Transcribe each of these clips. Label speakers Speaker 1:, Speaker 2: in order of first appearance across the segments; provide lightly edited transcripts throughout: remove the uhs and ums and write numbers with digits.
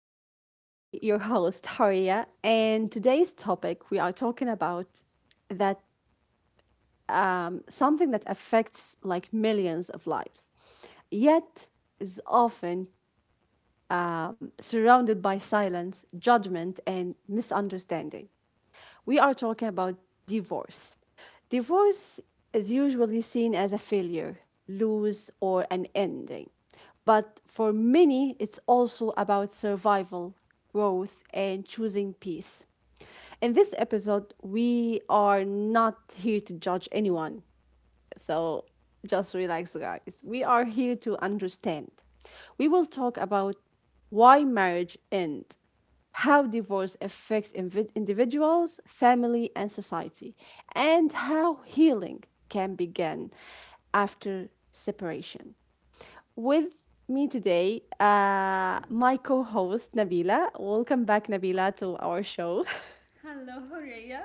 Speaker 1: With you today, your host, Haria, and today's topic we are talking about that something that affects like millions of lives, yet is often surrounded by silence, judgment, and misunderstanding. We are talking about divorce. Divorce is usually seen as a failure, lose, or an ending. But for many, it's also about survival, growth, and choosing peace. In this episode, we are not here to judge anyone. So just relax, guys. We are here to understand. We will talk about why marriage ends, how divorce affects individuals, family, and society, and how healing can begin after separation. With me today, my co host Nabila. Welcome back, Nabila, to our show.
Speaker 2: Hello, Horea.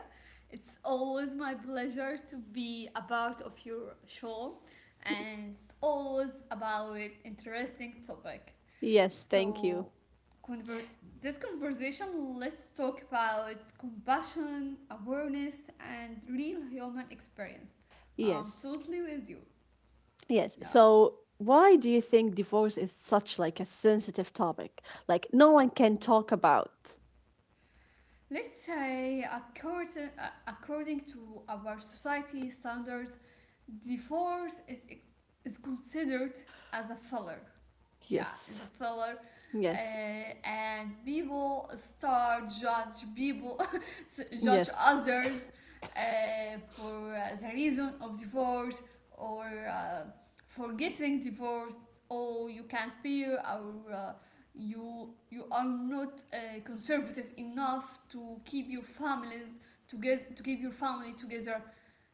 Speaker 2: It's always my pleasure to be a part of your show, and it's always about interesting topic.
Speaker 1: Yes, thank you.
Speaker 2: So, convert this conversation. Let's talk about compassion, awareness, and real human experience. I'm
Speaker 1: Yes,
Speaker 2: totally with you.
Speaker 1: yes.
Speaker 2: Yeah.
Speaker 1: So, why do you think divorce is such like a sensitive topic? Like no one can talk about.
Speaker 2: Let's say, according to our society standards, divorce is considered as a failure. Yeah, is a
Speaker 1: Yes,
Speaker 2: pillar.
Speaker 1: yes,
Speaker 2: And people start judge people, judge
Speaker 1: yes,
Speaker 2: others, for the reason of divorce, or, for getting divorced, or you can't bear, or you are not conservative enough to keep your families together, to keep your family together.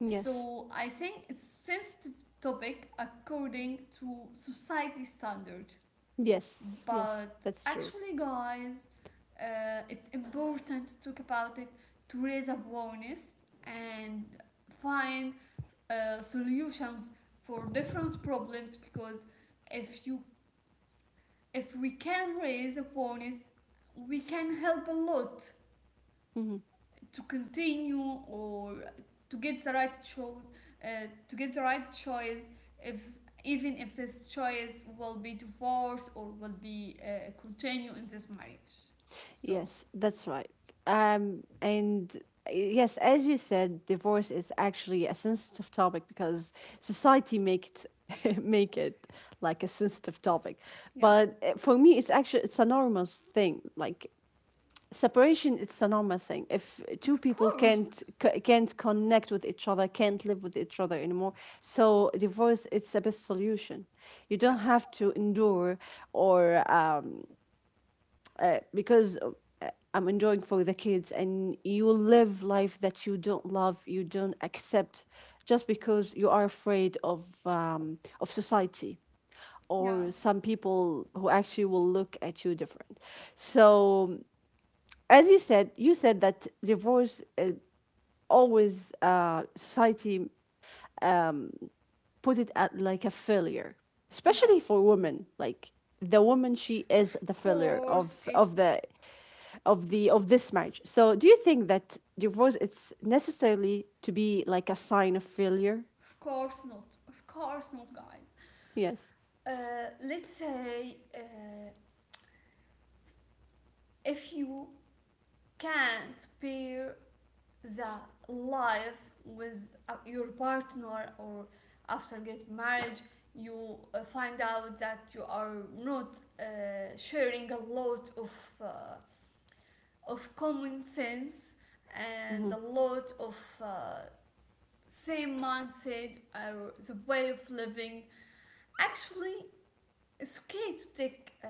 Speaker 1: yes.
Speaker 2: So I think it's sensitive topic according to society standard.
Speaker 1: Yes, yes,
Speaker 2: But
Speaker 1: that's true.
Speaker 2: actually, guys, it's important to talk about it, to raise awareness and find solutions for different problems, because if you, if we can raise awareness, we can help a lot
Speaker 1: Hmm.
Speaker 2: to continue, or to get the right cho- uh, to get the right choice, if, even if this choice will be divorce or will be continue in this marriage. So.
Speaker 1: Yes, that's right. And yes, as you said, divorce is actually a sensitive topic because society makes make it like a sensitive topic.
Speaker 2: Yeah.
Speaker 1: But for me, it's actually it's a normal thing. Like separation, it's a normal thing. If two
Speaker 2: Of
Speaker 1: people
Speaker 2: course.
Speaker 1: can't can't connect with each other, can't live with each other anymore, so divorce, it's a best solution. You don't
Speaker 2: Yeah,
Speaker 1: have to endure or. Because I'm enjoying for the kids, and you live life that you don't love, you don't accept, just because you are afraid of society
Speaker 2: yeah,
Speaker 1: or some people who actually will look at you different. So as you said that divorce always society put it at like a failure,
Speaker 2: yeah.
Speaker 1: especially for women. Like the woman, she
Speaker 2: Of
Speaker 1: is the failure
Speaker 2: course,
Speaker 1: of
Speaker 2: it's,
Speaker 1: of the of this marriage. So do you think that divorce it's necessarily to be like a sign of failure?
Speaker 2: of course not, of course not, guys.
Speaker 1: Yes.
Speaker 2: Let's say, if you can't bear the life with your partner, or after get marriage, you find out that you are not sharing a lot of common sense, and
Speaker 1: Hmm.
Speaker 2: a lot of uh, same mindset, or the way of living. Actually, it's okay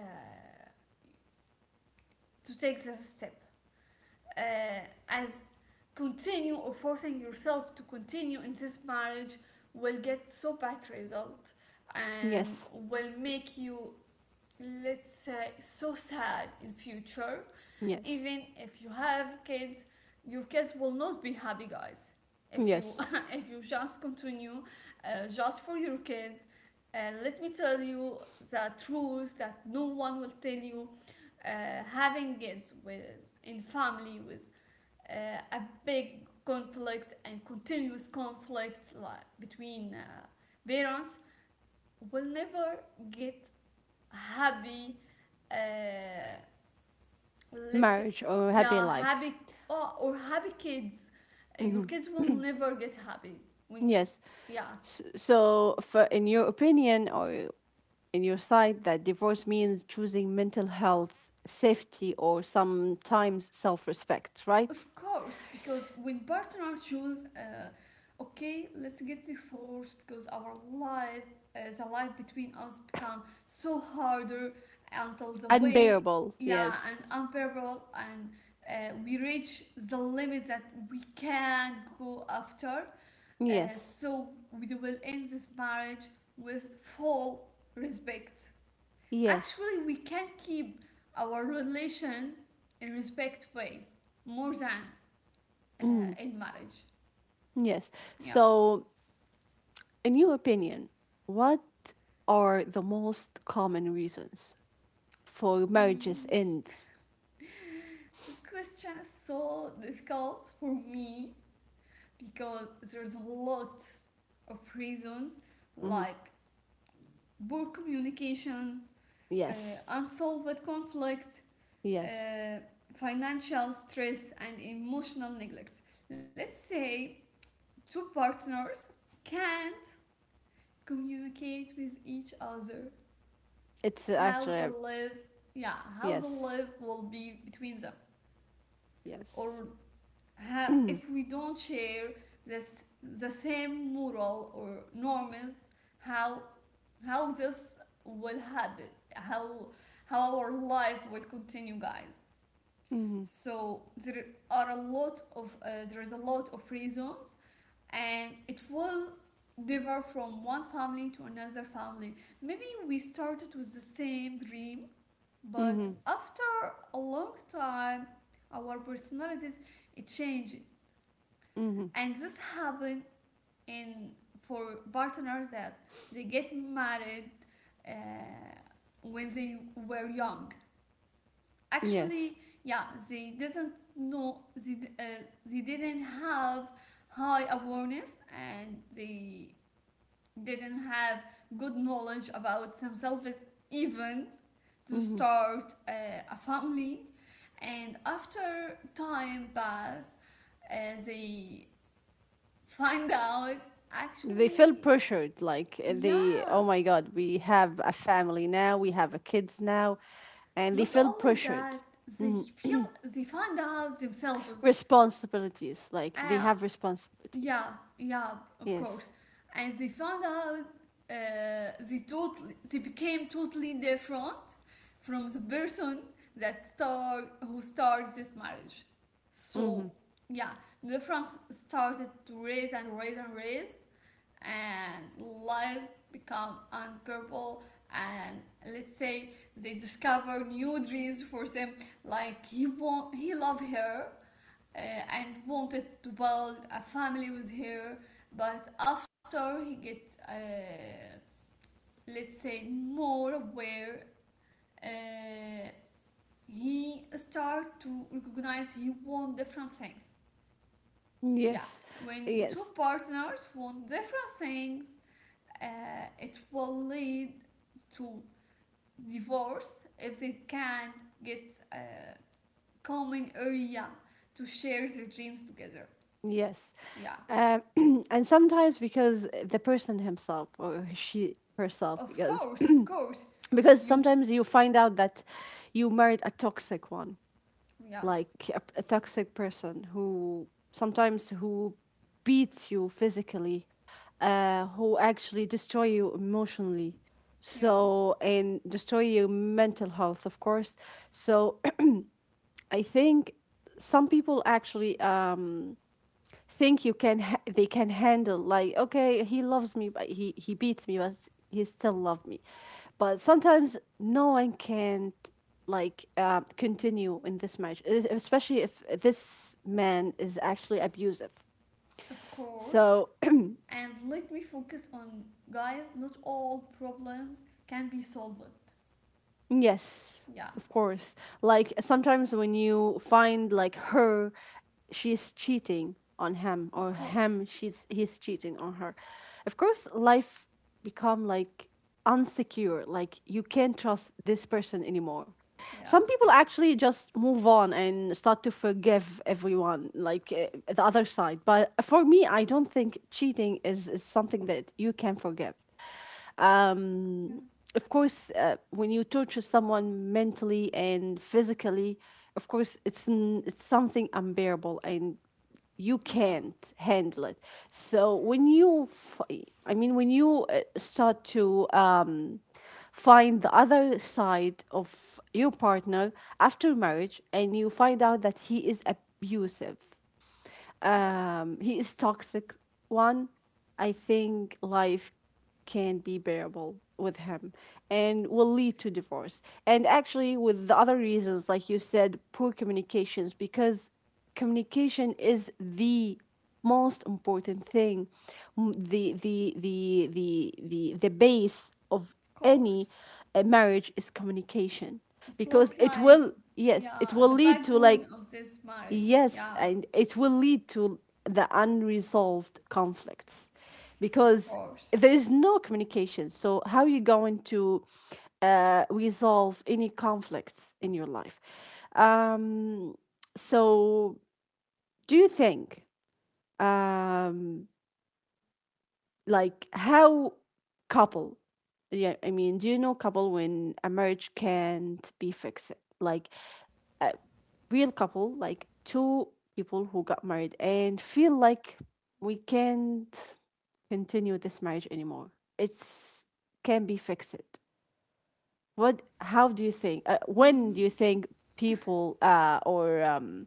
Speaker 2: to take this step, uh, as continue, or forcing yourself to continue in this marriage will get so bad result, and
Speaker 1: Yes.
Speaker 2: will make you, let's say, so sad in future.
Speaker 1: Yes.
Speaker 2: Even if you have kids, your kids will not be happy, guys, if you
Speaker 1: Yes.
Speaker 2: if you just continue just for your kids. And, let me tell you the truth that no one will tell you. Having kids with, in family with, a big conflict and continuous conflict, like, between parents, will never get happy, uh, let's say.
Speaker 1: Marriage or happy
Speaker 2: Yeah,
Speaker 1: life.
Speaker 2: happy, or happy kids. Your
Speaker 1: Hmm.
Speaker 2: kids will never get happy when you,
Speaker 1: Yes.
Speaker 2: yeah.
Speaker 1: So, for in your opinion or in your side, that divorce means choosing mental health, safety, or sometimes self respect, right?
Speaker 2: Of course, because when partner choose, okay, let's get divorced, because our life, the life between us become so harder, until the way,
Speaker 1: Unbearable.
Speaker 2: yeah, and
Speaker 1: Yes.
Speaker 2: unbearable, and we reach the limit that we can't go after. Uh,
Speaker 1: Yes.
Speaker 2: so we will end this marriage with full respect.
Speaker 1: Yes.
Speaker 2: Actually, we can keep our relation in respect way, more than uh,
Speaker 1: Mm.
Speaker 2: in marriage.
Speaker 1: Yes.
Speaker 2: Yeah.
Speaker 1: So in your opinion, what are the most common reasons for marriages
Speaker 2: Mm.
Speaker 1: ends?
Speaker 2: This question is so difficult for me, because there's a lot of reasons,
Speaker 1: Hmm.
Speaker 2: like poor communications, uh,
Speaker 1: Yes,
Speaker 2: unsolved conflict,
Speaker 1: yes.
Speaker 2: uh, financial stress, and emotional neglect. Let's say two partners can't communicate with each other,
Speaker 1: It's
Speaker 2: how
Speaker 1: actually
Speaker 2: the
Speaker 1: a-
Speaker 2: love, yeah, how the
Speaker 1: yes,
Speaker 2: love will be between them.
Speaker 1: yes.
Speaker 2: Or, if we don't share this, the same moral or norms, how how this will happen, how how our life will continue, guys.
Speaker 1: Mm-hmm.
Speaker 2: So there is a lot of reasons, and it will differ from one family to another family. Maybe we started with the same dream, but
Speaker 1: Mm-hmm.
Speaker 2: after a long time, our personalities, it changed.
Speaker 1: Mm-hmm.
Speaker 2: And this happened in, for partners that they get married uh, when they were young.
Speaker 1: Yes.
Speaker 2: Actually, yeah, they didn't know, they didn't have high awareness, and they didn't have good knowledge about themselves, even to
Speaker 1: Mm-hmm.
Speaker 2: start a family. And after time pass, they find out,
Speaker 1: They feel
Speaker 2: actually,
Speaker 1: pressured, like
Speaker 2: yeah,
Speaker 1: oh my God, we have a family now, we have a kids now, and they
Speaker 2: not
Speaker 1: feel
Speaker 2: always
Speaker 1: pressured.
Speaker 2: that they
Speaker 1: Mhm.
Speaker 2: feel, they find out themselves,
Speaker 1: Responsibilities, like they
Speaker 2: uh,
Speaker 1: have responsibilities.
Speaker 2: yeah, yeah, of course.
Speaker 1: Yes.
Speaker 2: And they found out they totally, they became totally different from the person that start, who started this marriage. So,
Speaker 1: Mm-hmm.
Speaker 2: yeah, the difference started to raise and raise and raise, and life become unbearable. And let's say they discover new dreams for them. Like, he want, he love her, uh, and wanted to build a family with her, but after he gets let's say more aware, uh, he start to recognize he want different things. Yeah,
Speaker 1: Yes,
Speaker 2: when two
Speaker 1: yes,
Speaker 2: partners want different things, it will lead to divorce if they can't get a common area to share their dreams together.
Speaker 1: yes.
Speaker 2: Yeah.
Speaker 1: Uh, and sometimes because the person himself or she herself,
Speaker 2: Of
Speaker 1: because
Speaker 2: course, of course.
Speaker 1: because
Speaker 2: You,
Speaker 1: sometimes you find out that you married a toxic one,
Speaker 2: yeah,
Speaker 1: like a toxic person who sometimes who beats you physically, who actually destroy you emotionally.
Speaker 2: yeah,
Speaker 1: So and destroy your mental health, of course. So I think some people actually think you can they can handle like okay he loves me but he beats me but he still love me, but sometimes no one can like continue in this marriage, especially if this man is actually abusive.
Speaker 2: of course.
Speaker 1: So
Speaker 2: And let me focus on, guys, not all problems can be solved.
Speaker 1: yes,
Speaker 2: Yeah,
Speaker 1: of course. Like sometimes when you find like her, she's cheating on him,
Speaker 2: of
Speaker 1: or
Speaker 2: course.
Speaker 1: him, she's he's cheating on her. Of course, life become like unsecure. Like you can't trust this person anymore.
Speaker 2: Yeah,
Speaker 1: Some people actually just move on and start to forgive everyone, like the other side. But for me, I don't think cheating is something that you can forgive,
Speaker 2: yeah,
Speaker 1: um, of course, when you torture someone mentally and physically, of course, it's something unbearable, and you
Speaker 2: yeah,
Speaker 1: can't handle it. So I mean, when you start to find the other side of your partner after marriage, and you find out that he is abusive,
Speaker 2: yeah, of
Speaker 1: he is toxic one. I think life can be bearable with him and will lead to divorce, and actually with the other reasons like you said, poor communications, because communication is the most important thing. M- the the the the the base of any
Speaker 2: course.
Speaker 1: marriage is communication
Speaker 2: It
Speaker 1: because
Speaker 2: looks
Speaker 1: it
Speaker 2: like,
Speaker 1: will, yes it
Speaker 2: yeah,
Speaker 1: will
Speaker 2: the
Speaker 1: lead to
Speaker 2: backbone
Speaker 1: like,
Speaker 2: of this marriage.
Speaker 1: yes,
Speaker 2: Yeah,
Speaker 1: and it will lead to the unresolved conflicts
Speaker 2: of
Speaker 1: because
Speaker 2: course.
Speaker 1: there is no communication. So, how are you going to resolve any conflicts in your life? Um, so, do you think, um, like, how couple, yeah, I mean, do you know couple when a marriage can't be fixed? Like, uh, real couple, like two people who got married and feel like we can't continue this marriage anymore. It's can be fixed. What? How do you think? When do
Speaker 2: Mm,
Speaker 1: you think people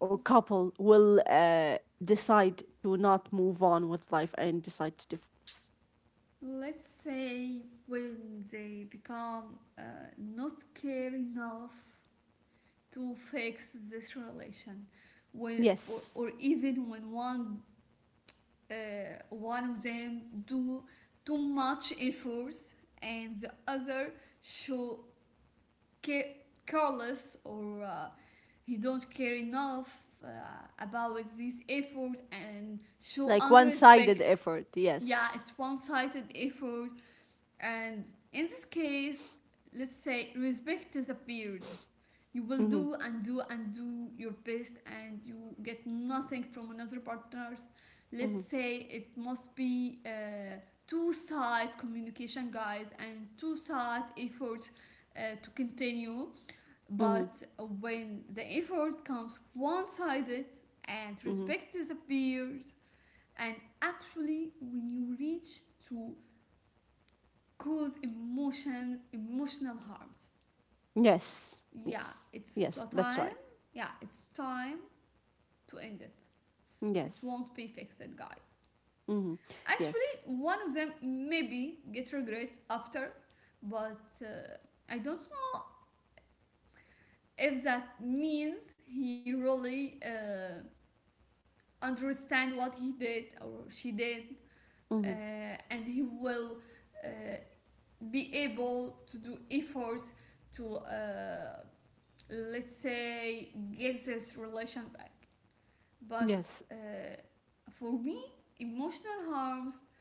Speaker 1: or couple will decide to not move on with life and decide to divorce?
Speaker 2: let's say when they become not care enough to fix this relation, when,
Speaker 1: Yes,
Speaker 2: or even when one, one of them do too much efforts, and the other show care- careless, or he don't care enough about this effort and show
Speaker 1: like one-sided
Speaker 2: unrespect.
Speaker 1: effort.
Speaker 2: Yeah,
Speaker 1: Yes.
Speaker 2: it's one-sided effort. And in this case, let's say respect disappeared, you will
Speaker 1: Mm-hmm.
Speaker 2: do and do and do your best, and you get nothing from another partners. Let's
Speaker 1: Mm-hmm.
Speaker 2: say it must be two side communication, guys, and two side efforts, to continue.
Speaker 1: Mm-hmm.
Speaker 2: But when the effort becomes one-sided, and
Speaker 1: Mm-hmm.
Speaker 2: respect disappears, and actually when you reach to cause emotional harms,
Speaker 1: Yes.
Speaker 2: yeah,
Speaker 1: Yes.
Speaker 2: it's a
Speaker 1: Yes. That's
Speaker 2: time.
Speaker 1: right.
Speaker 2: Yeah, it's time to end it. It's, it
Speaker 1: Yes.
Speaker 2: won't be fixed, guys.
Speaker 1: Mhm.
Speaker 2: Actually,
Speaker 1: Yes.
Speaker 2: one of them maybe get regrets after, but I don't know if that means he really understand what he did or she did,
Speaker 1: Mhm.
Speaker 2: and he will uh, be able to do efforts to let's say get this relation back. But
Speaker 1: Yes.
Speaker 2: uh, for me, emotional harms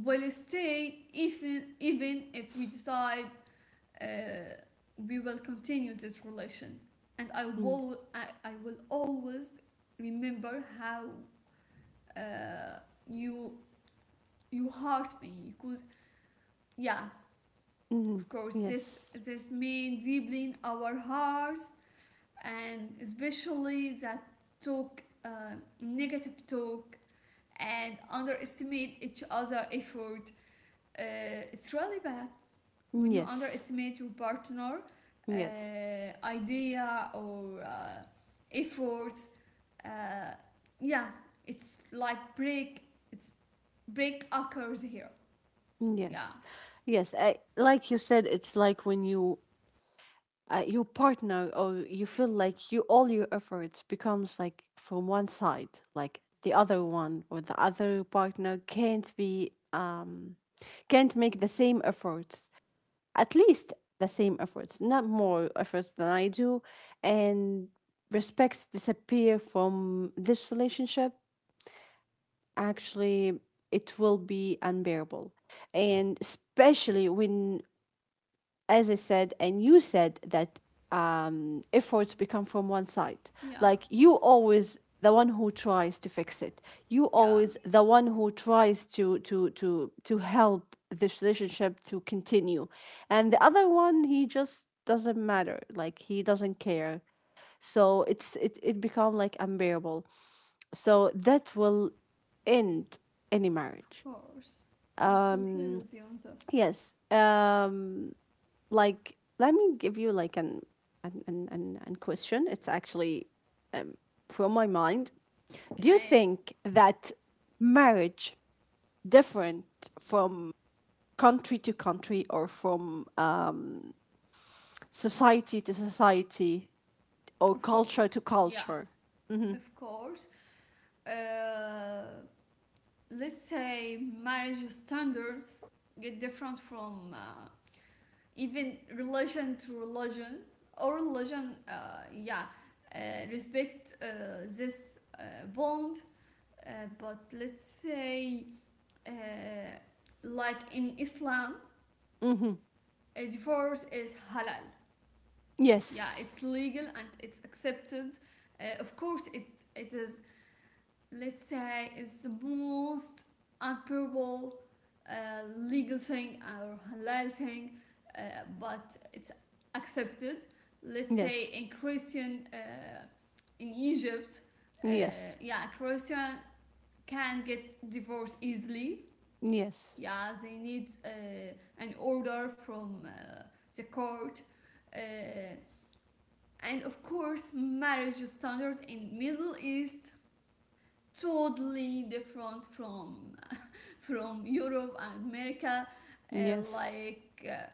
Speaker 2: will stay, even, even if we decide uh, we will continue this relation, and
Speaker 1: Mm.
Speaker 2: I will always remember how, uh, you, you hurt me, because, yeah,
Speaker 1: Mhm.
Speaker 2: of course this,
Speaker 1: Yes.
Speaker 2: this mean deeply in our hearts. And especially that talk, negative talk, and underestimate each other effort, uh, it's really bad. When you
Speaker 1: Yes.
Speaker 2: underestimate your partner
Speaker 1: Yes.
Speaker 2: idea, or efforts, uh, yeah, it's like break, it's, break occurs here. Yeah.
Speaker 1: Yes. Yes. I, like you said, it's like when you, your partner or you feel like you all your efforts becomes like from one side, like the other one or the other partner can't be can't make the same efforts, at least the same efforts, not more efforts than I do, and respects disappear from this relationship, actually, it will be unbearable. And especially when, as I said, and you said that, efforts become from one side.
Speaker 2: Yeah,
Speaker 1: Like
Speaker 2: of
Speaker 1: you
Speaker 2: course.
Speaker 1: always the one who tries to fix it. You
Speaker 2: Yeah,
Speaker 1: always the one who tries to help this relationship to continue, and the other one he just doesn't matter. Like he doesn't care. So it it become like unbearable. So that will end any
Speaker 2: of
Speaker 1: marriage.
Speaker 2: course. I'm totally
Speaker 1: Um.
Speaker 2: with you on this.
Speaker 1: Yes. Um, like let me give you like an question. It's actually um, from my mind. Do you
Speaker 2: Okay.
Speaker 1: think that marriage different from country to country or from society to society or
Speaker 2: Of course.
Speaker 1: culture to
Speaker 2: Yeah,
Speaker 1: culture?
Speaker 2: of course. uh, let's say marriage standards get different from, even religion to religion, or religion, yeah, uh, respect, this, bond, uh, but let's say, uh, like in Islam,
Speaker 1: Mm-hmm.
Speaker 2: a divorce is halal. Yeah,
Speaker 1: Yes,
Speaker 2: it's legal, and it's accepted. Of course it is, let's say, is the most unprovable, legal thing or halal thing, uh, but it's accepted, let's say
Speaker 1: yes,
Speaker 2: in Christian, in Egypt. uh,
Speaker 1: yes,
Speaker 2: yeah, Christian can get divorced easily.
Speaker 1: yes,
Speaker 2: Yeah, they need an order from the court. uh, and of course marriage standard in Middle East totally different from Europe and America.
Speaker 1: yes.
Speaker 2: Like, uh,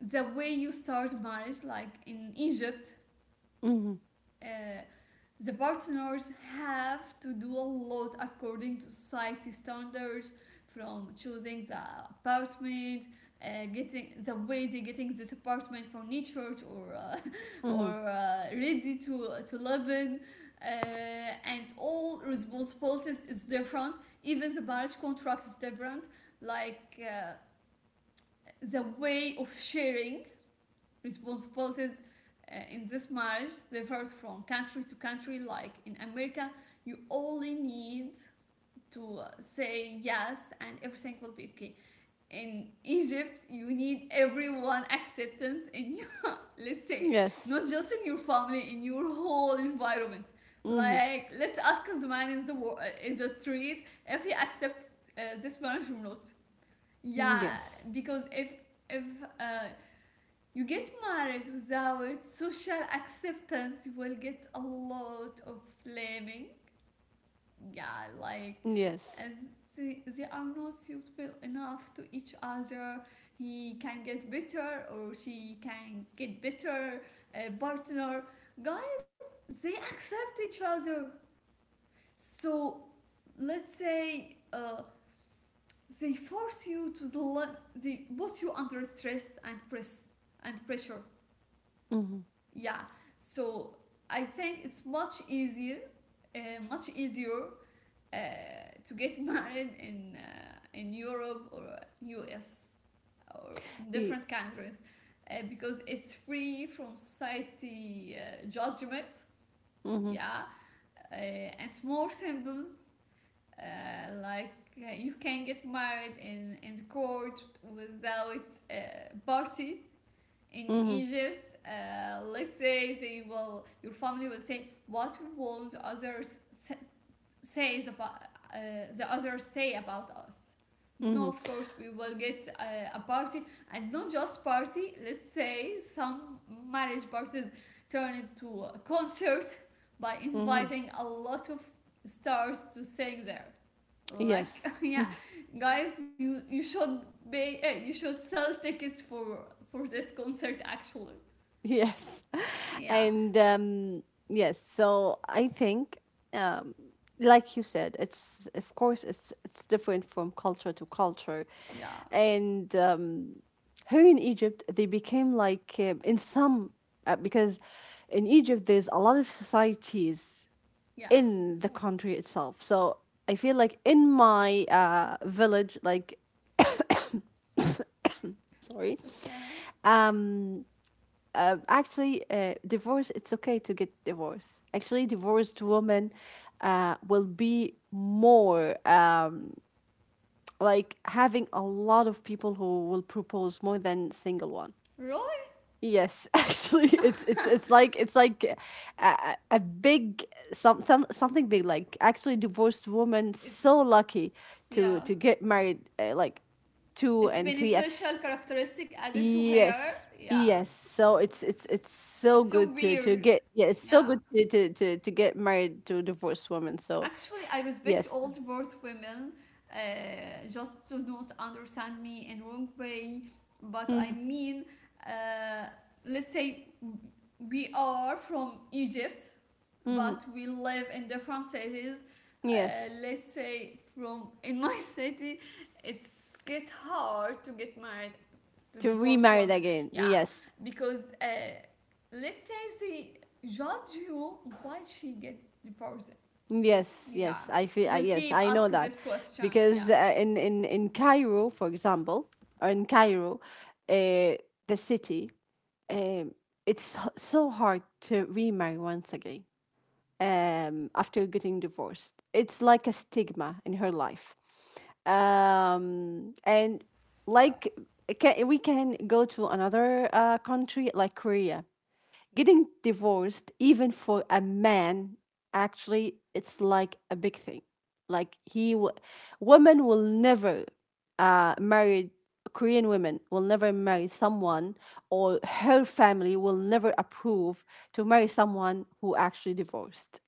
Speaker 2: the way you start marriage, like in Egypt,
Speaker 1: Mm-hmm.
Speaker 2: uh, the partners have to do a lot according to society standards, from choosing the apartment, getting the way they getting this apartment from church, or or
Speaker 1: Mm-hmm.
Speaker 2: ready to live in. And all responsibilities is different, even the marriage contract is different. Like, the way of sharing responsibilities in this marriage differs from country to country. Like, in America, you only need to say yes, and everything will be okay. In Egypt, you need everyone acceptance in your, let's say,
Speaker 1: Yes.
Speaker 2: not just in your family, in your whole environment.
Speaker 1: Mm-hmm.
Speaker 2: Like, let's ask the man in the in the street if he accepts this marriage or not. Yeah.
Speaker 1: Yes,
Speaker 2: Because if, uh, you get married without social acceptance, you will get a lot of blaming. Yeah, like,
Speaker 1: yes.
Speaker 2: as they are not suitable enough to each other. He can get better, or she can get better. A partner, guys, they accept each other. So, let's say they force you to, they put you under stress, and pressure.
Speaker 1: Mm-hmm.
Speaker 2: Yeah. So I think it's much easier, uh, much easier, uh, to get married in, in Europe, or US, or different countries, because it's free from society judgment.
Speaker 1: Mm-hmm.
Speaker 2: Yeah. And it's more simple, like, you can get married in the court without a, party. In
Speaker 1: Mm-hmm.
Speaker 2: Egypt, let's say they will, your family will say, what won't others says about, the others say about us.
Speaker 1: Hmm.
Speaker 2: No, of course we will get a party. And not just party, let's say some marriage parties turn into a concert by
Speaker 1: Hmm.
Speaker 2: inviting a lot of stars to sing there.
Speaker 1: Yes.
Speaker 2: Like, yeah, guys, you should pay, you should sell tickets for this concert actually.
Speaker 1: Yes.
Speaker 2: Yeah,
Speaker 1: And yes, so I think, um, like you said, it's of course it's different from culture to culture,
Speaker 2: yeah,
Speaker 1: and here in Egypt they became like in some because in Egypt there's a lot of societies
Speaker 2: yeah.
Speaker 1: in the country itself. So I feel like in my village, like sorry,
Speaker 2: It's okay.
Speaker 1: um actually divorce it's okay to get divorced. Actually divorced women will be more like having a lot of people who will propose more than single one.
Speaker 2: Roy,
Speaker 1: Yes. Actually it's it's like a big some something big. Like actually divorced women
Speaker 2: it's
Speaker 1: so lucky
Speaker 2: yeah.
Speaker 1: to get married like two
Speaker 2: It's
Speaker 1: and three.
Speaker 2: beneficial characteristic added to her.
Speaker 1: Yes.
Speaker 2: Yeah.
Speaker 1: Yes. So it's it's so
Speaker 2: It's so
Speaker 1: good to
Speaker 2: weird.
Speaker 1: get, yeah, it's so
Speaker 2: Yeah.
Speaker 1: good to get married to a divorced woman. So
Speaker 2: Actually, I respect
Speaker 1: yes.
Speaker 2: all divorced women, just to not understand me in wrong way. But I
Speaker 1: Mm.
Speaker 2: mean, uh, let's say we are from Egypt,
Speaker 1: Mm-hmm.
Speaker 2: but we live in different cities. Uh,
Speaker 1: Yes.
Speaker 2: let's say from, in my city, it's get hard to get married to
Speaker 1: To
Speaker 2: divorce
Speaker 1: remarried
Speaker 2: women.
Speaker 1: again.
Speaker 2: Yeah,
Speaker 1: Yes.
Speaker 2: because let's say they judge you why she get divorced.
Speaker 1: Yes,
Speaker 2: Yeah,
Speaker 1: yes. I
Speaker 2: she
Speaker 1: feel
Speaker 2: will
Speaker 1: yes,
Speaker 2: keep
Speaker 1: I know
Speaker 2: asking
Speaker 1: that.
Speaker 2: this question.
Speaker 1: Because
Speaker 2: Yeah,
Speaker 1: in Cairo, for example, or in Cairo, uh, the city, um it's so hard to remarry once again, after getting divorced. It's like a stigma in her life. And
Speaker 2: yeah.
Speaker 1: like can, we can go to another country like Korea. Getting divorced, even for a man, actually, it's like a big thing. Like women will never marry, Korean women will never marry someone or her family will never approve to marry someone who actually divorced.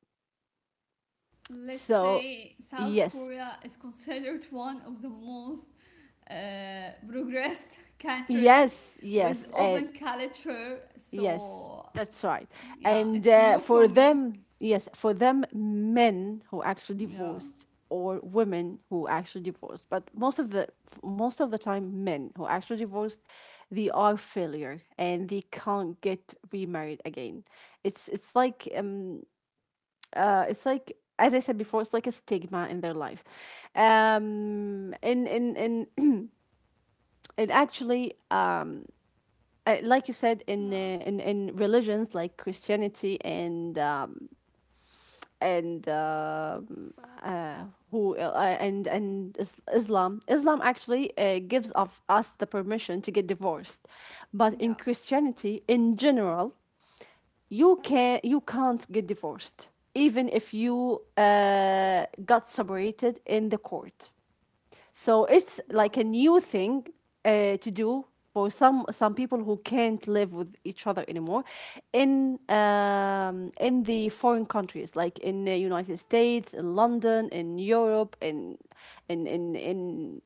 Speaker 2: Let's
Speaker 1: So,
Speaker 2: say South
Speaker 1: yes,
Speaker 2: Korea is considered one of the most progressed countries
Speaker 1: yes,
Speaker 2: with
Speaker 1: yes,
Speaker 2: open
Speaker 1: and
Speaker 2: culture.
Speaker 1: yes,
Speaker 2: So
Speaker 1: that's right.
Speaker 2: yeah,
Speaker 1: And
Speaker 2: it's new for
Speaker 1: for
Speaker 2: me.
Speaker 1: them, yes, for them, men who actually
Speaker 2: Yeah,
Speaker 1: divorced or women who actually divorced, but most of the time, men who actually divorced, they are failure and they can't get remarried again. It's like it's like, as I said before, it's like a stigma in their life. In. It actually like you said in
Speaker 2: yeah,
Speaker 1: in religions like Christianity and uh who and Islam, Islam actually gives of us the permission to get divorced, but
Speaker 2: yeah.
Speaker 1: in Christianity in general you can you can't get divorced even if you got separated in the court. So it's
Speaker 2: Wow.
Speaker 1: like a new thing to do for some people who can't live with each other anymore in the foreign countries like in the United States, in London, in Europe, in in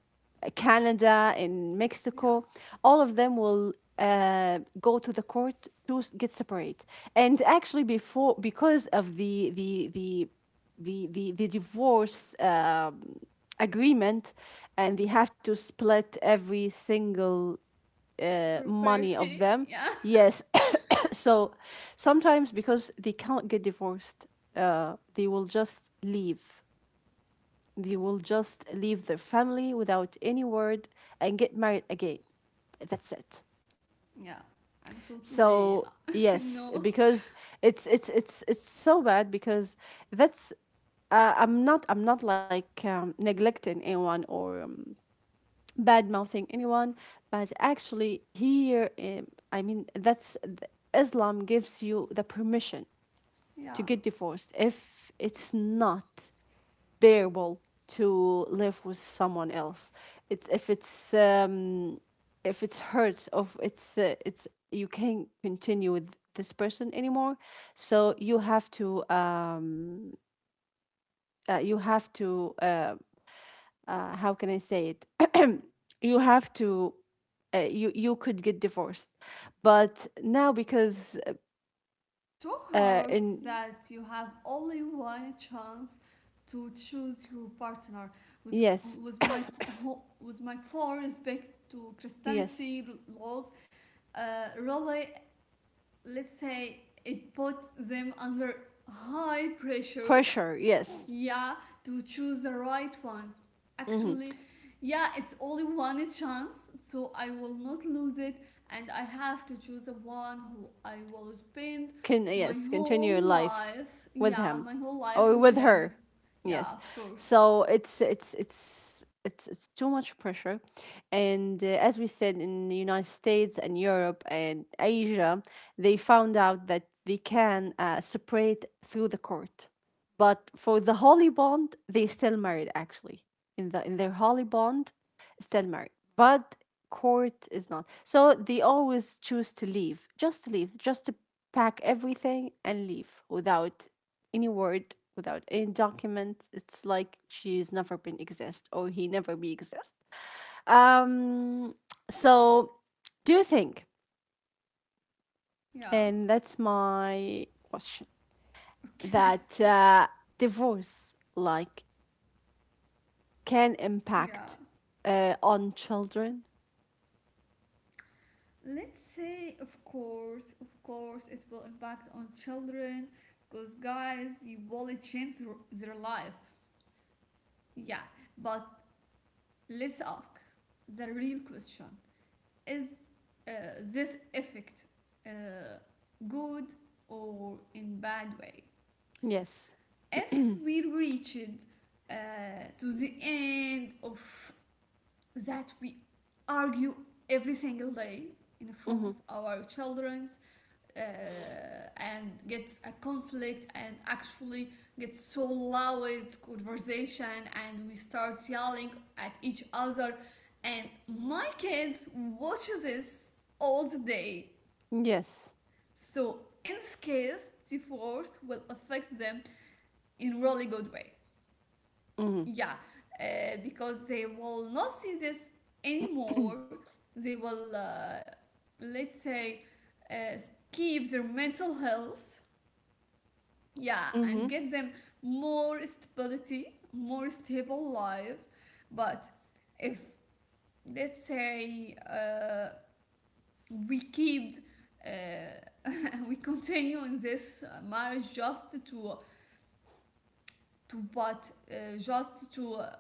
Speaker 1: Canada, in
Speaker 2: Yeah,
Speaker 1: Mexico, all of them will go to the court to get separate. And actually, before because of the divorce. Agreement, and they have to split every single money of
Speaker 2: property.
Speaker 1: them.
Speaker 2: Yeah.
Speaker 1: Yes. So sometimes because they can't get divorced, they will just leave, they will just leave their family without any word and get married again. That's it.
Speaker 2: Yeah, I'm totally
Speaker 1: so yes
Speaker 2: no.
Speaker 1: because it's so bad because that's I'm not like neglecting anyone or bad mouthing anyone. But actually, here, I mean, Islam gives you the permission
Speaker 2: Yeah.
Speaker 1: to get divorced if it's not bearable to live with someone else. It's if it's if it's hurts of it's you can't continue with this person anymore, so you have to how can I say it? You have to, you could get divorced, but now because
Speaker 2: It's so hard
Speaker 1: in
Speaker 2: that you have only one chance to choose your partner. With
Speaker 1: yes.
Speaker 2: with with my full respect to
Speaker 1: Yes,
Speaker 2: Christianity laws, really, let's say it puts them under high pressure.
Speaker 1: pressure. Yes.
Speaker 2: Yeah, to choose the right one.
Speaker 1: Hmm.
Speaker 2: Actually, yeah, it's only one chance, so I will not lose it, and I have to choose the one who I will spend
Speaker 1: Can,
Speaker 2: my
Speaker 1: yes, continue your
Speaker 2: whole
Speaker 1: life
Speaker 2: life.
Speaker 1: with
Speaker 2: Yeah,
Speaker 1: him
Speaker 2: my whole life
Speaker 1: or
Speaker 2: with
Speaker 1: with
Speaker 2: him.
Speaker 1: her.
Speaker 2: Yeah,
Speaker 1: Yes.
Speaker 2: of course.
Speaker 1: So it's too much pressure, and as we said, in the United States and Europe and Asia, they found out that they can separate through the court, but for the holy bond, they still married actually in the in their holy bond still married. But court is not. So they always choose to leave, just to leave, just to pack everything and leave without any word, without any document. It's like she's never been exist or he never be exist. Um. So do you think?
Speaker 2: Yeah,
Speaker 1: And that's my question.
Speaker 2: okay.
Speaker 1: That divorce like can
Speaker 2: Yeah.
Speaker 1: impact on children.
Speaker 2: Let's say, of course, it will impact on children because, guys, you will change their life. Yeah, but let's ask the real question. Is uh, this effect uh, good or in bad way?
Speaker 1: Yes.
Speaker 2: If we reached uh, to the end of that we argue every single day in front
Speaker 1: Mm-hmm.
Speaker 2: of our childrens uh, and get a conflict and actually get so loud conversation and we start yelling at each other and my kids watch this all the day,
Speaker 1: Yes.
Speaker 2: so in this case divorce will affect them in really good way.
Speaker 1: Mm-hmm.
Speaker 2: Yeah, uh, because they will not see this anymore. They will, let's say, uh, keep their mental health, yeah, and
Speaker 1: Mhm.
Speaker 2: get them more stability, more stable life. But if, let's say, we keep, uh, we continue in this marriage just to to but uh, just to uh,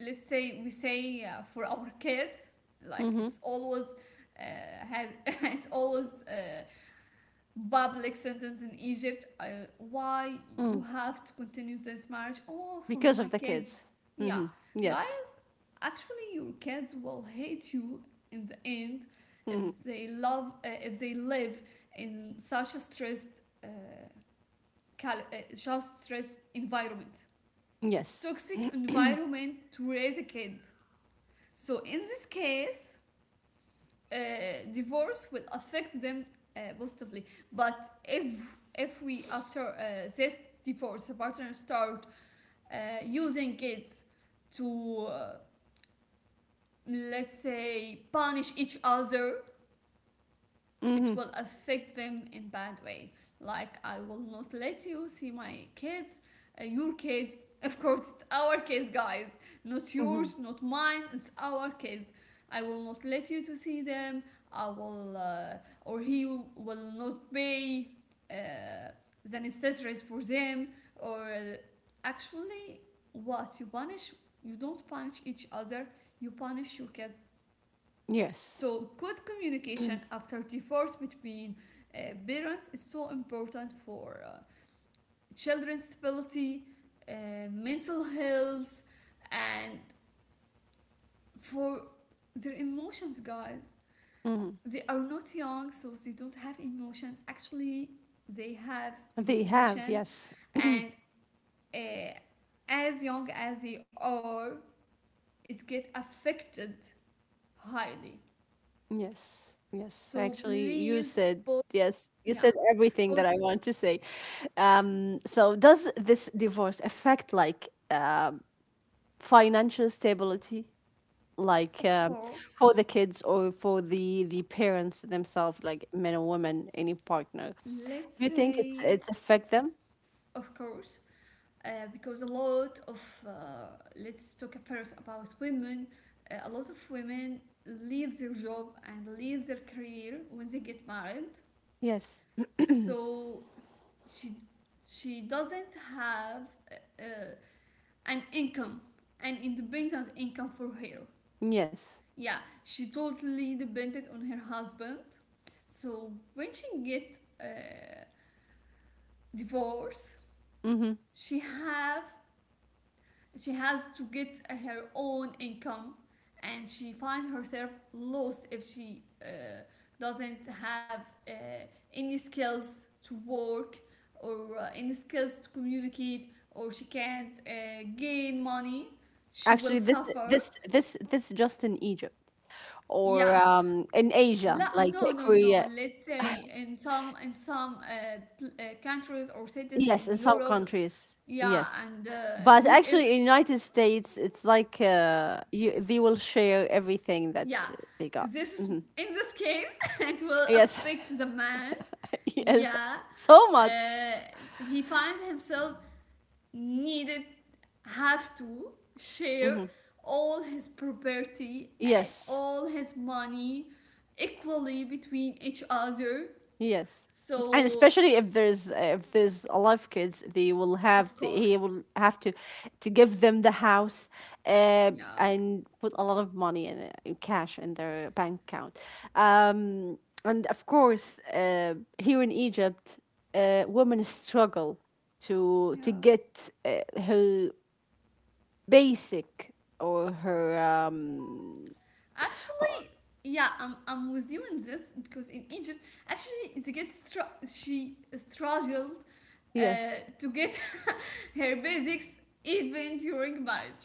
Speaker 2: let's say we say, for our kids, like
Speaker 1: Mhm.
Speaker 2: it's always has it's always a public sentence in Egypt, why you
Speaker 1: Mm.
Speaker 2: have to continue this marriage? Oh, for
Speaker 1: Because of
Speaker 2: my
Speaker 1: the
Speaker 2: kids.
Speaker 1: kids.
Speaker 2: Yeah,
Speaker 1: Mhm. Yes.
Speaker 2: guys, actually your kids will hate you in the end if
Speaker 1: Mhm.
Speaker 2: they love if they live in such a stressed, just stressed environment. It's
Speaker 1: Yes.
Speaker 2: toxic environment to raise a kid. So in this case, divorce will affect them positively. But if we after this divorce, the partner start uh, using it to, let's say, punish each other, it
Speaker 1: Mhm.
Speaker 2: will affect them in bad way. Like, I will not let you see my kids, your kids. Of course it's our kids, guys, not
Speaker 1: Mhm.
Speaker 2: yours, not mine, it's our kids. I will not let you to see them. I will, or he will not pay uh, the necessaries for them, or, actually, what you punish, you don't punish each other, you punish your kids.
Speaker 1: Yes.
Speaker 2: So, good communication after divorce between parents is so important for children's stability, mental health, and for their emotions, guys.
Speaker 1: Mhm.
Speaker 2: They are not young, so they don't have emotion. Actually, they have
Speaker 1: They have.
Speaker 2: emotion,
Speaker 1: Yes.
Speaker 2: and uh, as young as they are, it get affected highly.
Speaker 1: Yes. Yes.
Speaker 2: So
Speaker 1: Actually, you
Speaker 2: please,
Speaker 1: said
Speaker 2: both,
Speaker 1: yes. You
Speaker 2: yeah,
Speaker 1: said everything that
Speaker 2: both.
Speaker 1: I want to say. So, does this divorce affect like financial stability, like
Speaker 2: Of
Speaker 1: for
Speaker 2: course.
Speaker 1: the kids or for the parents themselves, like men or women, any partner? Do you
Speaker 2: Let's
Speaker 1: think it's
Speaker 2: say,
Speaker 1: affect them?
Speaker 2: of course, because a lot of, uh, let's talk first about women, a lot of women leave their job and leave their career when they get married.
Speaker 1: Yes.
Speaker 2: So she, she doesn't have uh, uh, an income, an independent income for her.
Speaker 1: Yes.
Speaker 2: Yeah, she totally depended on her husband. So when she get, divorce,
Speaker 1: Hmm.
Speaker 2: she have she has to get her own income, and she finds herself lost if she doesn't have any skills to work, or any skills to communicate, or she can't gain money, she
Speaker 1: Actually,
Speaker 2: will
Speaker 1: this
Speaker 2: suffer.
Speaker 1: this this this just in Egypt or
Speaker 2: Yeah,
Speaker 1: in Asia,
Speaker 2: La-
Speaker 1: like
Speaker 2: no no no
Speaker 1: Korea.
Speaker 2: let's say in some countries or cities
Speaker 1: Yes,
Speaker 2: in
Speaker 1: in some
Speaker 2: Europe,
Speaker 1: countries.
Speaker 2: yeah,
Speaker 1: Yes,
Speaker 2: and
Speaker 1: but actually,
Speaker 2: US.
Speaker 1: in United States, it's like they will share everything that
Speaker 2: Yeah,
Speaker 1: they got.
Speaker 2: this is,
Speaker 1: Hmm.
Speaker 2: in this case it will
Speaker 1: Yes.
Speaker 2: affect the man.
Speaker 1: Yes.
Speaker 2: Yeah,
Speaker 1: So
Speaker 2: uh,
Speaker 1: much.
Speaker 2: he finds himself needed, have to share
Speaker 1: Hmm.
Speaker 2: all his property and
Speaker 1: Yes.
Speaker 2: all his money equally between each other.
Speaker 1: Yes. And
Speaker 2: So,
Speaker 1: especially if there's alive kids, they will have
Speaker 2: of
Speaker 1: he
Speaker 2: course,
Speaker 1: will have to give them the house, uh,
Speaker 2: yeah,
Speaker 1: and put a lot of money in it, in cash in their bank account. Um, and of course, here in Egypt, women struggle to
Speaker 2: yeah.
Speaker 1: get her basic or her her-
Speaker 2: Actually, yeah, I'm with you in this because in Egypt, actually, she struggled uh,
Speaker 1: yes.
Speaker 2: to get her basics even during marriage.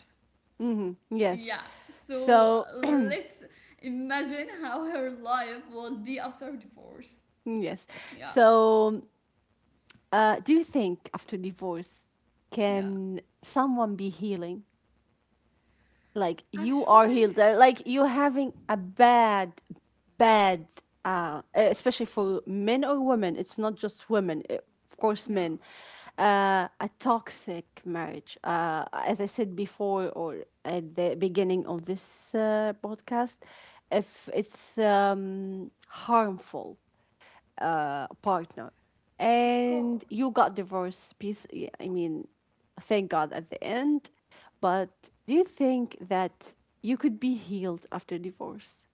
Speaker 1: Mm-hmm, yes.
Speaker 2: Yeah, so
Speaker 1: So
Speaker 2: let's imagine how her life will be after divorce.
Speaker 1: yes.
Speaker 2: Yeah,
Speaker 1: So do you think, after divorce,
Speaker 2: yeah.
Speaker 1: can someone be healing? Like you are
Speaker 2: Actually,
Speaker 1: healed, like you're having a bad, especially for men or women. It's not just women, of course,
Speaker 2: yeah,
Speaker 1: men. A toxic marriage. As I said before, or at the beginning of this podcast, if it's harmful partner,
Speaker 2: of
Speaker 1: and
Speaker 2: course,
Speaker 1: you got divorced I mean, thank god at the end, but do you think that you could be healed after divorce?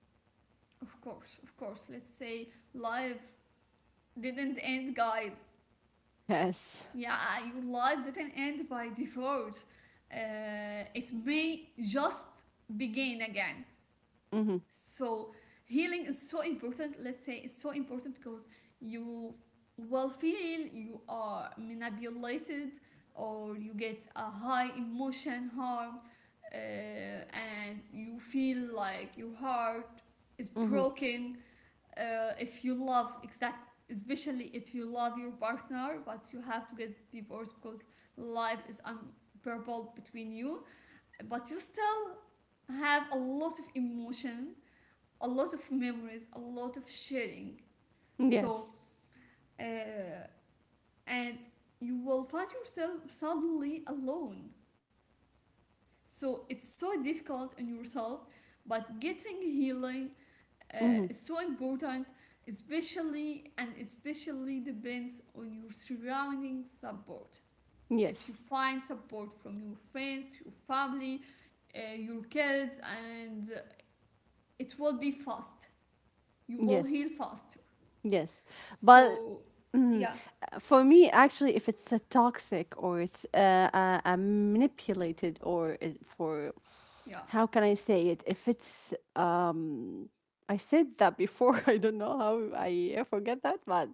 Speaker 2: of course, of course. Let's say life didn't end, guys.
Speaker 1: Yes.
Speaker 2: Yeah, your life didn't end by default. It may just begin again.
Speaker 1: Mm-hmm.
Speaker 2: So, healing is so important. Let's say it's so important because you will feel you are manipulated, or you get a high emotion harm, and you feel like your heart is
Speaker 1: Mm-hmm.
Speaker 2: broken, if you love exact especially if you love your partner but you have to get divorced because life is unbearable between you, but you still have a lot of emotion, a lot of memories, a lot of sharing. So,
Speaker 1: Yes.
Speaker 2: uh, and you will find yourself suddenly alone, so it's so difficult on yourself, but getting healing, uh,
Speaker 1: Mm-hmm.
Speaker 2: is so important, especially and especially depends on your surrounding support. If you
Speaker 1: Yes.
Speaker 2: find support from your friends, your family, your kids, and it will be fast, you will
Speaker 1: Yes.
Speaker 2: heal faster.
Speaker 1: Yes, but
Speaker 2: So
Speaker 1: mm,
Speaker 2: yeah,
Speaker 1: for me, actually, if it's a toxic or it's a manipulated or it- for
Speaker 2: yeah.
Speaker 1: how can I say it? If it's I said that before. I don't know how I forget that, but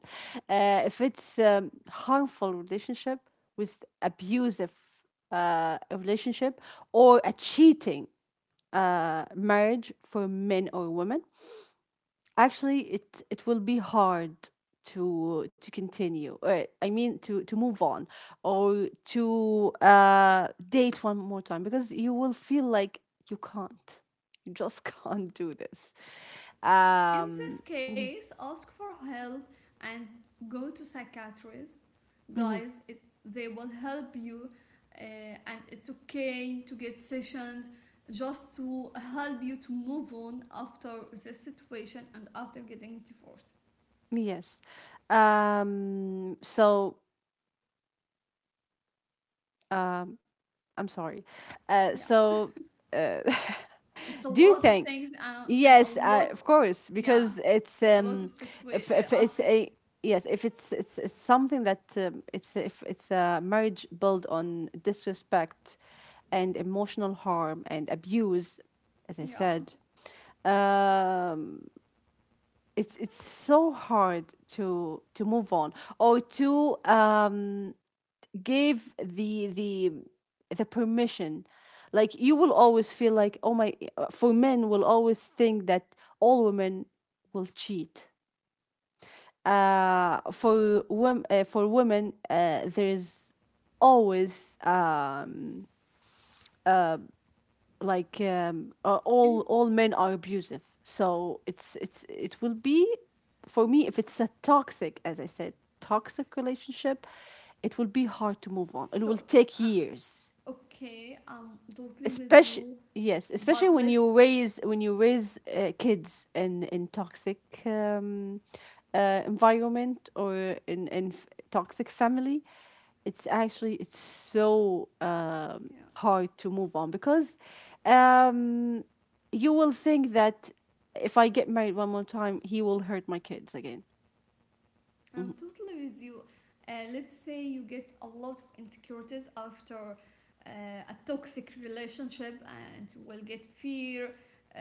Speaker 1: if it's harmful relationship with abusive relationship or a cheating marriage for men or women, actually it will be hard to continue I mean to move on or to date one more time because you will feel like you can't, you just can't do this.
Speaker 2: In
Speaker 1: um
Speaker 2: this case, ask for help and go to psychiatrist.
Speaker 1: mhm,
Speaker 2: Guys, they will help you, uh, and it's okay to get sessions just to help you to move on after this situation and after getting divorced.
Speaker 1: yes. So I'm sorry.
Speaker 2: Yeah.
Speaker 1: So uh
Speaker 2: It's a
Speaker 1: do you
Speaker 2: lot of
Speaker 1: think?
Speaker 2: things, and a
Speaker 1: Yes,
Speaker 2: lot,
Speaker 1: of course, because
Speaker 2: yeah,
Speaker 1: it's
Speaker 2: a lot of
Speaker 1: if if it's
Speaker 2: ask,
Speaker 1: a yes, if it's something that it's if it's a marriage built on disrespect, and emotional harm and abuse, as I
Speaker 2: yeah.
Speaker 1: said, um, it's so hard to move on or to gave the permission. Like you will always feel like oh my, for men will always think that all women will cheat. For women, there's always
Speaker 2: And
Speaker 1: all men are abusive. So it will be for me, if it's a toxic as I said, toxic relationship, it will be hard to move on, it
Speaker 2: so,
Speaker 1: will take
Speaker 2: uh,
Speaker 1: years,
Speaker 2: okay, I'm totally with
Speaker 1: especially
Speaker 2: you,
Speaker 1: yes, especially
Speaker 2: but
Speaker 1: when
Speaker 2: let's,
Speaker 1: you raise kids in toxic um, environment or in toxic family. It's actually it's so
Speaker 2: yeah.
Speaker 1: hard to move on because um, you will think that if I get married one more time he will hurt my kids again. Mhm.
Speaker 2: I'm totally with you. Let's say you get a lot of insecurities after a toxic relationship, and you will get fear uh,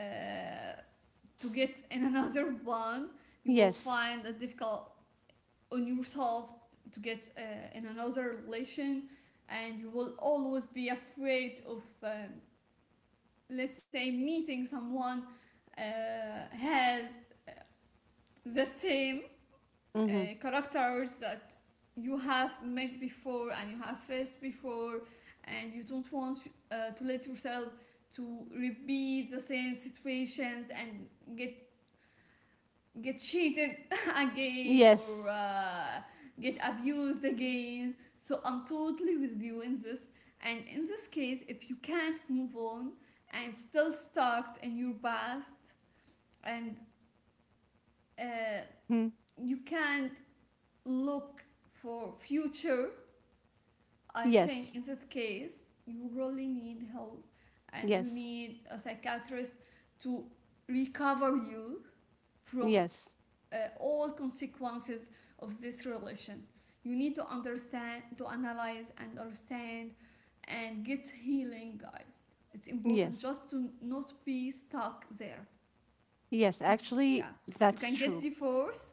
Speaker 2: to get in another one. You will
Speaker 1: Yes.
Speaker 2: find it difficult on yourself to get in another relation, and you will always be afraid of, let's say, meeting someone uh, has the same uh,
Speaker 1: Mm-hmm.
Speaker 2: characters that you have met before and you have faced before, and you don't want to let yourself to repeat the same situations and get get cheated again, or
Speaker 1: Yes.
Speaker 2: get abused again. So I'm totally with you in this. And in this case, if you can't move on and still stuck in your past, and uh,
Speaker 1: Mhm.
Speaker 2: you can't look for future, I think in
Speaker 1: Yes.
Speaker 2: this case, you really need help, and you
Speaker 1: Yes.
Speaker 2: need a psychiatrist to recover you from
Speaker 1: Yes.
Speaker 2: all consequences of this relation. You need to understand, to analyze, and understand and get healing, guys. It's important
Speaker 1: Yes.
Speaker 2: just to not be stuck there.
Speaker 1: Yes,
Speaker 2: You,
Speaker 1: actually,
Speaker 2: yeah, you
Speaker 1: that's
Speaker 2: can get
Speaker 1: true.
Speaker 2: divorced,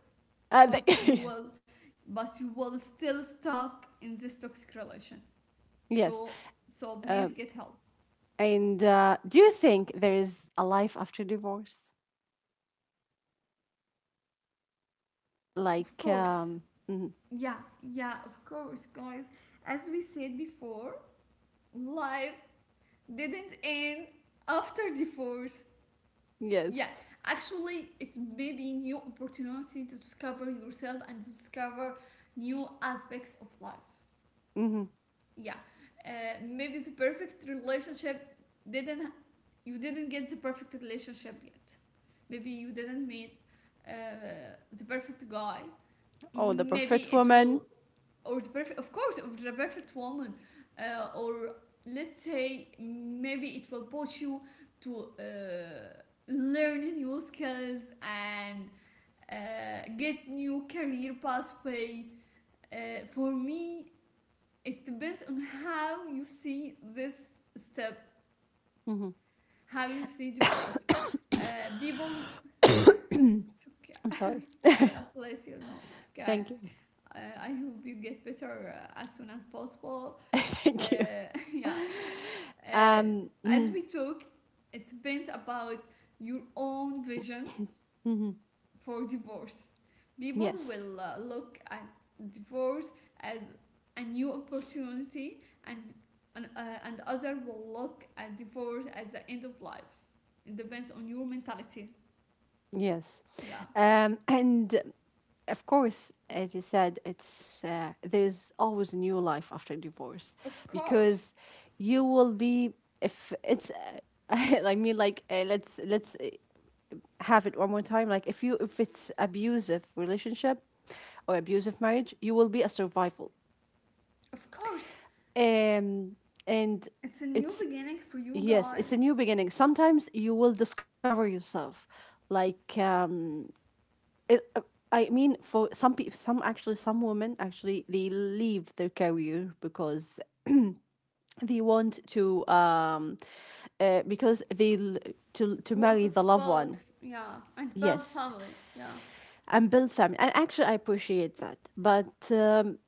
Speaker 1: Uh,
Speaker 2: but you
Speaker 1: the-
Speaker 2: will, but you will still stuck in this toxic relation.
Speaker 1: yes.
Speaker 2: So, so
Speaker 1: Uh,
Speaker 2: please get help.
Speaker 1: and do you think there is a life after divorce?
Speaker 2: Of
Speaker 1: Like,
Speaker 2: course.
Speaker 1: mhm.
Speaker 2: Yeah, yeah, of course, guys. As we said before, life didn't end after divorce. Yeah,
Speaker 1: Yes.
Speaker 2: actually, it may be new opportunity to discover yourself and to discover new aspects of life.
Speaker 1: Hmm.
Speaker 2: Yeah, maybe the perfect relationship didn't you didn't get the perfect relationship yet. Maybe you didn't meet the perfect guy,
Speaker 1: Oh, the
Speaker 2: maybe
Speaker 1: perfect
Speaker 2: it
Speaker 1: woman.
Speaker 2: will, or the perfect, of course, of the perfect woman, or let's say maybe it will push you to learn new skills and get new career pathway. Uh, for me, it depends on how you see this step,
Speaker 1: Hmm.
Speaker 2: how you see divorce. Uh, people, it's okay.
Speaker 1: I'm sorry.
Speaker 2: God bless you. No, it's okay.
Speaker 1: Thank you.
Speaker 2: Uh, I hope you get better as soon as possible. Uh,
Speaker 1: Thank you.
Speaker 2: yeah. Uh, as
Speaker 1: Mhm,
Speaker 2: we talk, it's been about your own vision
Speaker 1: mhm.
Speaker 2: for divorce. People
Speaker 1: Yes.
Speaker 2: will look at divorce as a new opportunity, and other will look at divorce at the end of life. It depends on your mentality.
Speaker 1: Yes.
Speaker 2: Yeah,
Speaker 1: And of course, as you said, it's there's always a new life after divorce
Speaker 2: of course,
Speaker 1: because you will be if it's I mean like let's have it one more time. Like if you if it's abusive relationship or abusive marriage, you will be a survival.
Speaker 2: of course,
Speaker 1: um and
Speaker 2: it's a new
Speaker 1: it's
Speaker 2: beginning for you,
Speaker 1: yes, it's a
Speaker 2: guys.
Speaker 1: new beginning. Sometimes you will discover yourself, like it, uh, I mean, for some people, some women actually they leave their career because they want to, uh, because they l- to marry
Speaker 2: Wanted
Speaker 1: the
Speaker 2: to
Speaker 1: loved
Speaker 2: build,
Speaker 1: one.
Speaker 2: yeah, and build
Speaker 1: Yes,
Speaker 2: family. Yeah,
Speaker 1: and build family. And actually, I appreciate that, but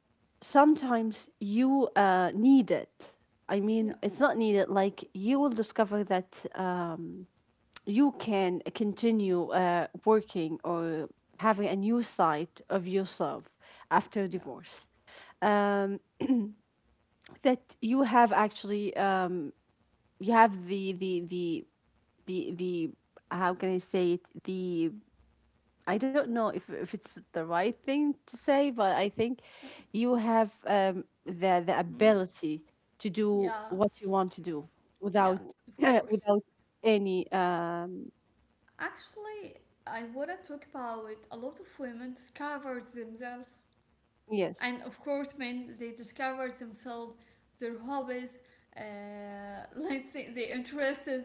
Speaker 1: sometimes you need it. I mean,
Speaker 2: yeah,
Speaker 1: it's not needed. Like you will discover that you can continue working or having a new side of yourself after
Speaker 2: yeah.
Speaker 1: divorce. um, that you have actually you have the how can I say it, the I don't know if it's the right thing to say, but I think you have the
Speaker 2: Mm,
Speaker 1: ability to do
Speaker 2: yeah,
Speaker 1: what you want to do without
Speaker 2: yeah, of course.
Speaker 1: without any
Speaker 2: Actually, I wanna talk about it. A lot of women discover themselves, and
Speaker 1: yes.
Speaker 2: of course, men they discover themselves, their hobbies, let's say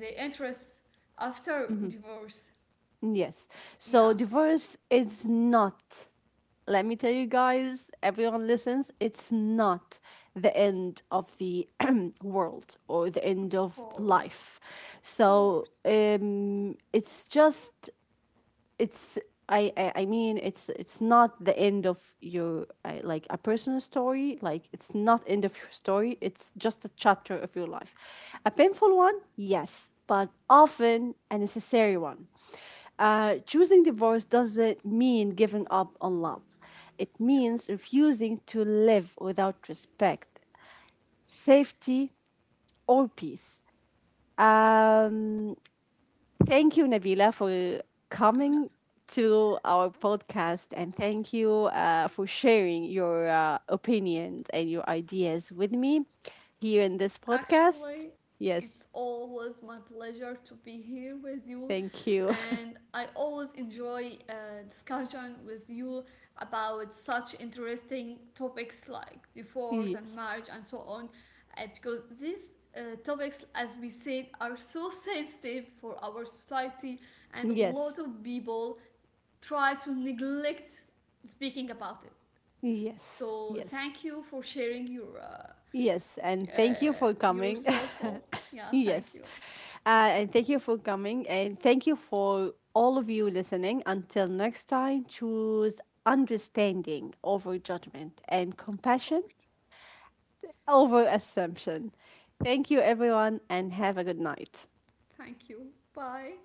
Speaker 2: their interests after
Speaker 1: Mhm.
Speaker 2: divorce.
Speaker 1: Yes. So
Speaker 2: Yeah,
Speaker 1: divorce is not, let me tell you guys, everyone listens, it's not the end of the world or the end
Speaker 2: of
Speaker 1: of
Speaker 2: course,
Speaker 1: life.
Speaker 2: of
Speaker 1: So
Speaker 2: course.
Speaker 1: it's just it's I mean it's not the end of your like a personal story. Like it's not end of your story, it's just a chapter of your life, a painful one, yes, but often a necessary one. Choosing divorce doesn't mean giving up on love. It
Speaker 2: Yeah.
Speaker 1: means refusing to live without respect, safety, or peace. um Thank you, Nabila, for coming to our podcast, and thank you for sharing your opinions and your ideas with me here in this podcast.
Speaker 2: Actually,
Speaker 1: Yes,
Speaker 2: it's always my pleasure to be here with you,
Speaker 1: thank you.
Speaker 2: and I always enjoy discussion with you about such interesting topics like divorce and
Speaker 1: Yes,
Speaker 2: marriage and so on, because these topics, as we said, are so sensitive for our society, and a lot
Speaker 1: yes,
Speaker 2: of people try to neglect speaking about it.
Speaker 1: yes,
Speaker 2: So,
Speaker 1: yes.
Speaker 2: thank you for sharing your
Speaker 1: Yes, and thank you for
Speaker 2: you're
Speaker 1: coming.
Speaker 2: so thoughtful. Yeah, thank
Speaker 1: Yes,
Speaker 2: you. Of
Speaker 1: and thank you for coming, and thank you for all of you listening. Until next time, choose understanding over judgment and compassion
Speaker 2: course.
Speaker 1: over assumption. Thank you, everyone, and have a good night.
Speaker 2: Thank you. Bye.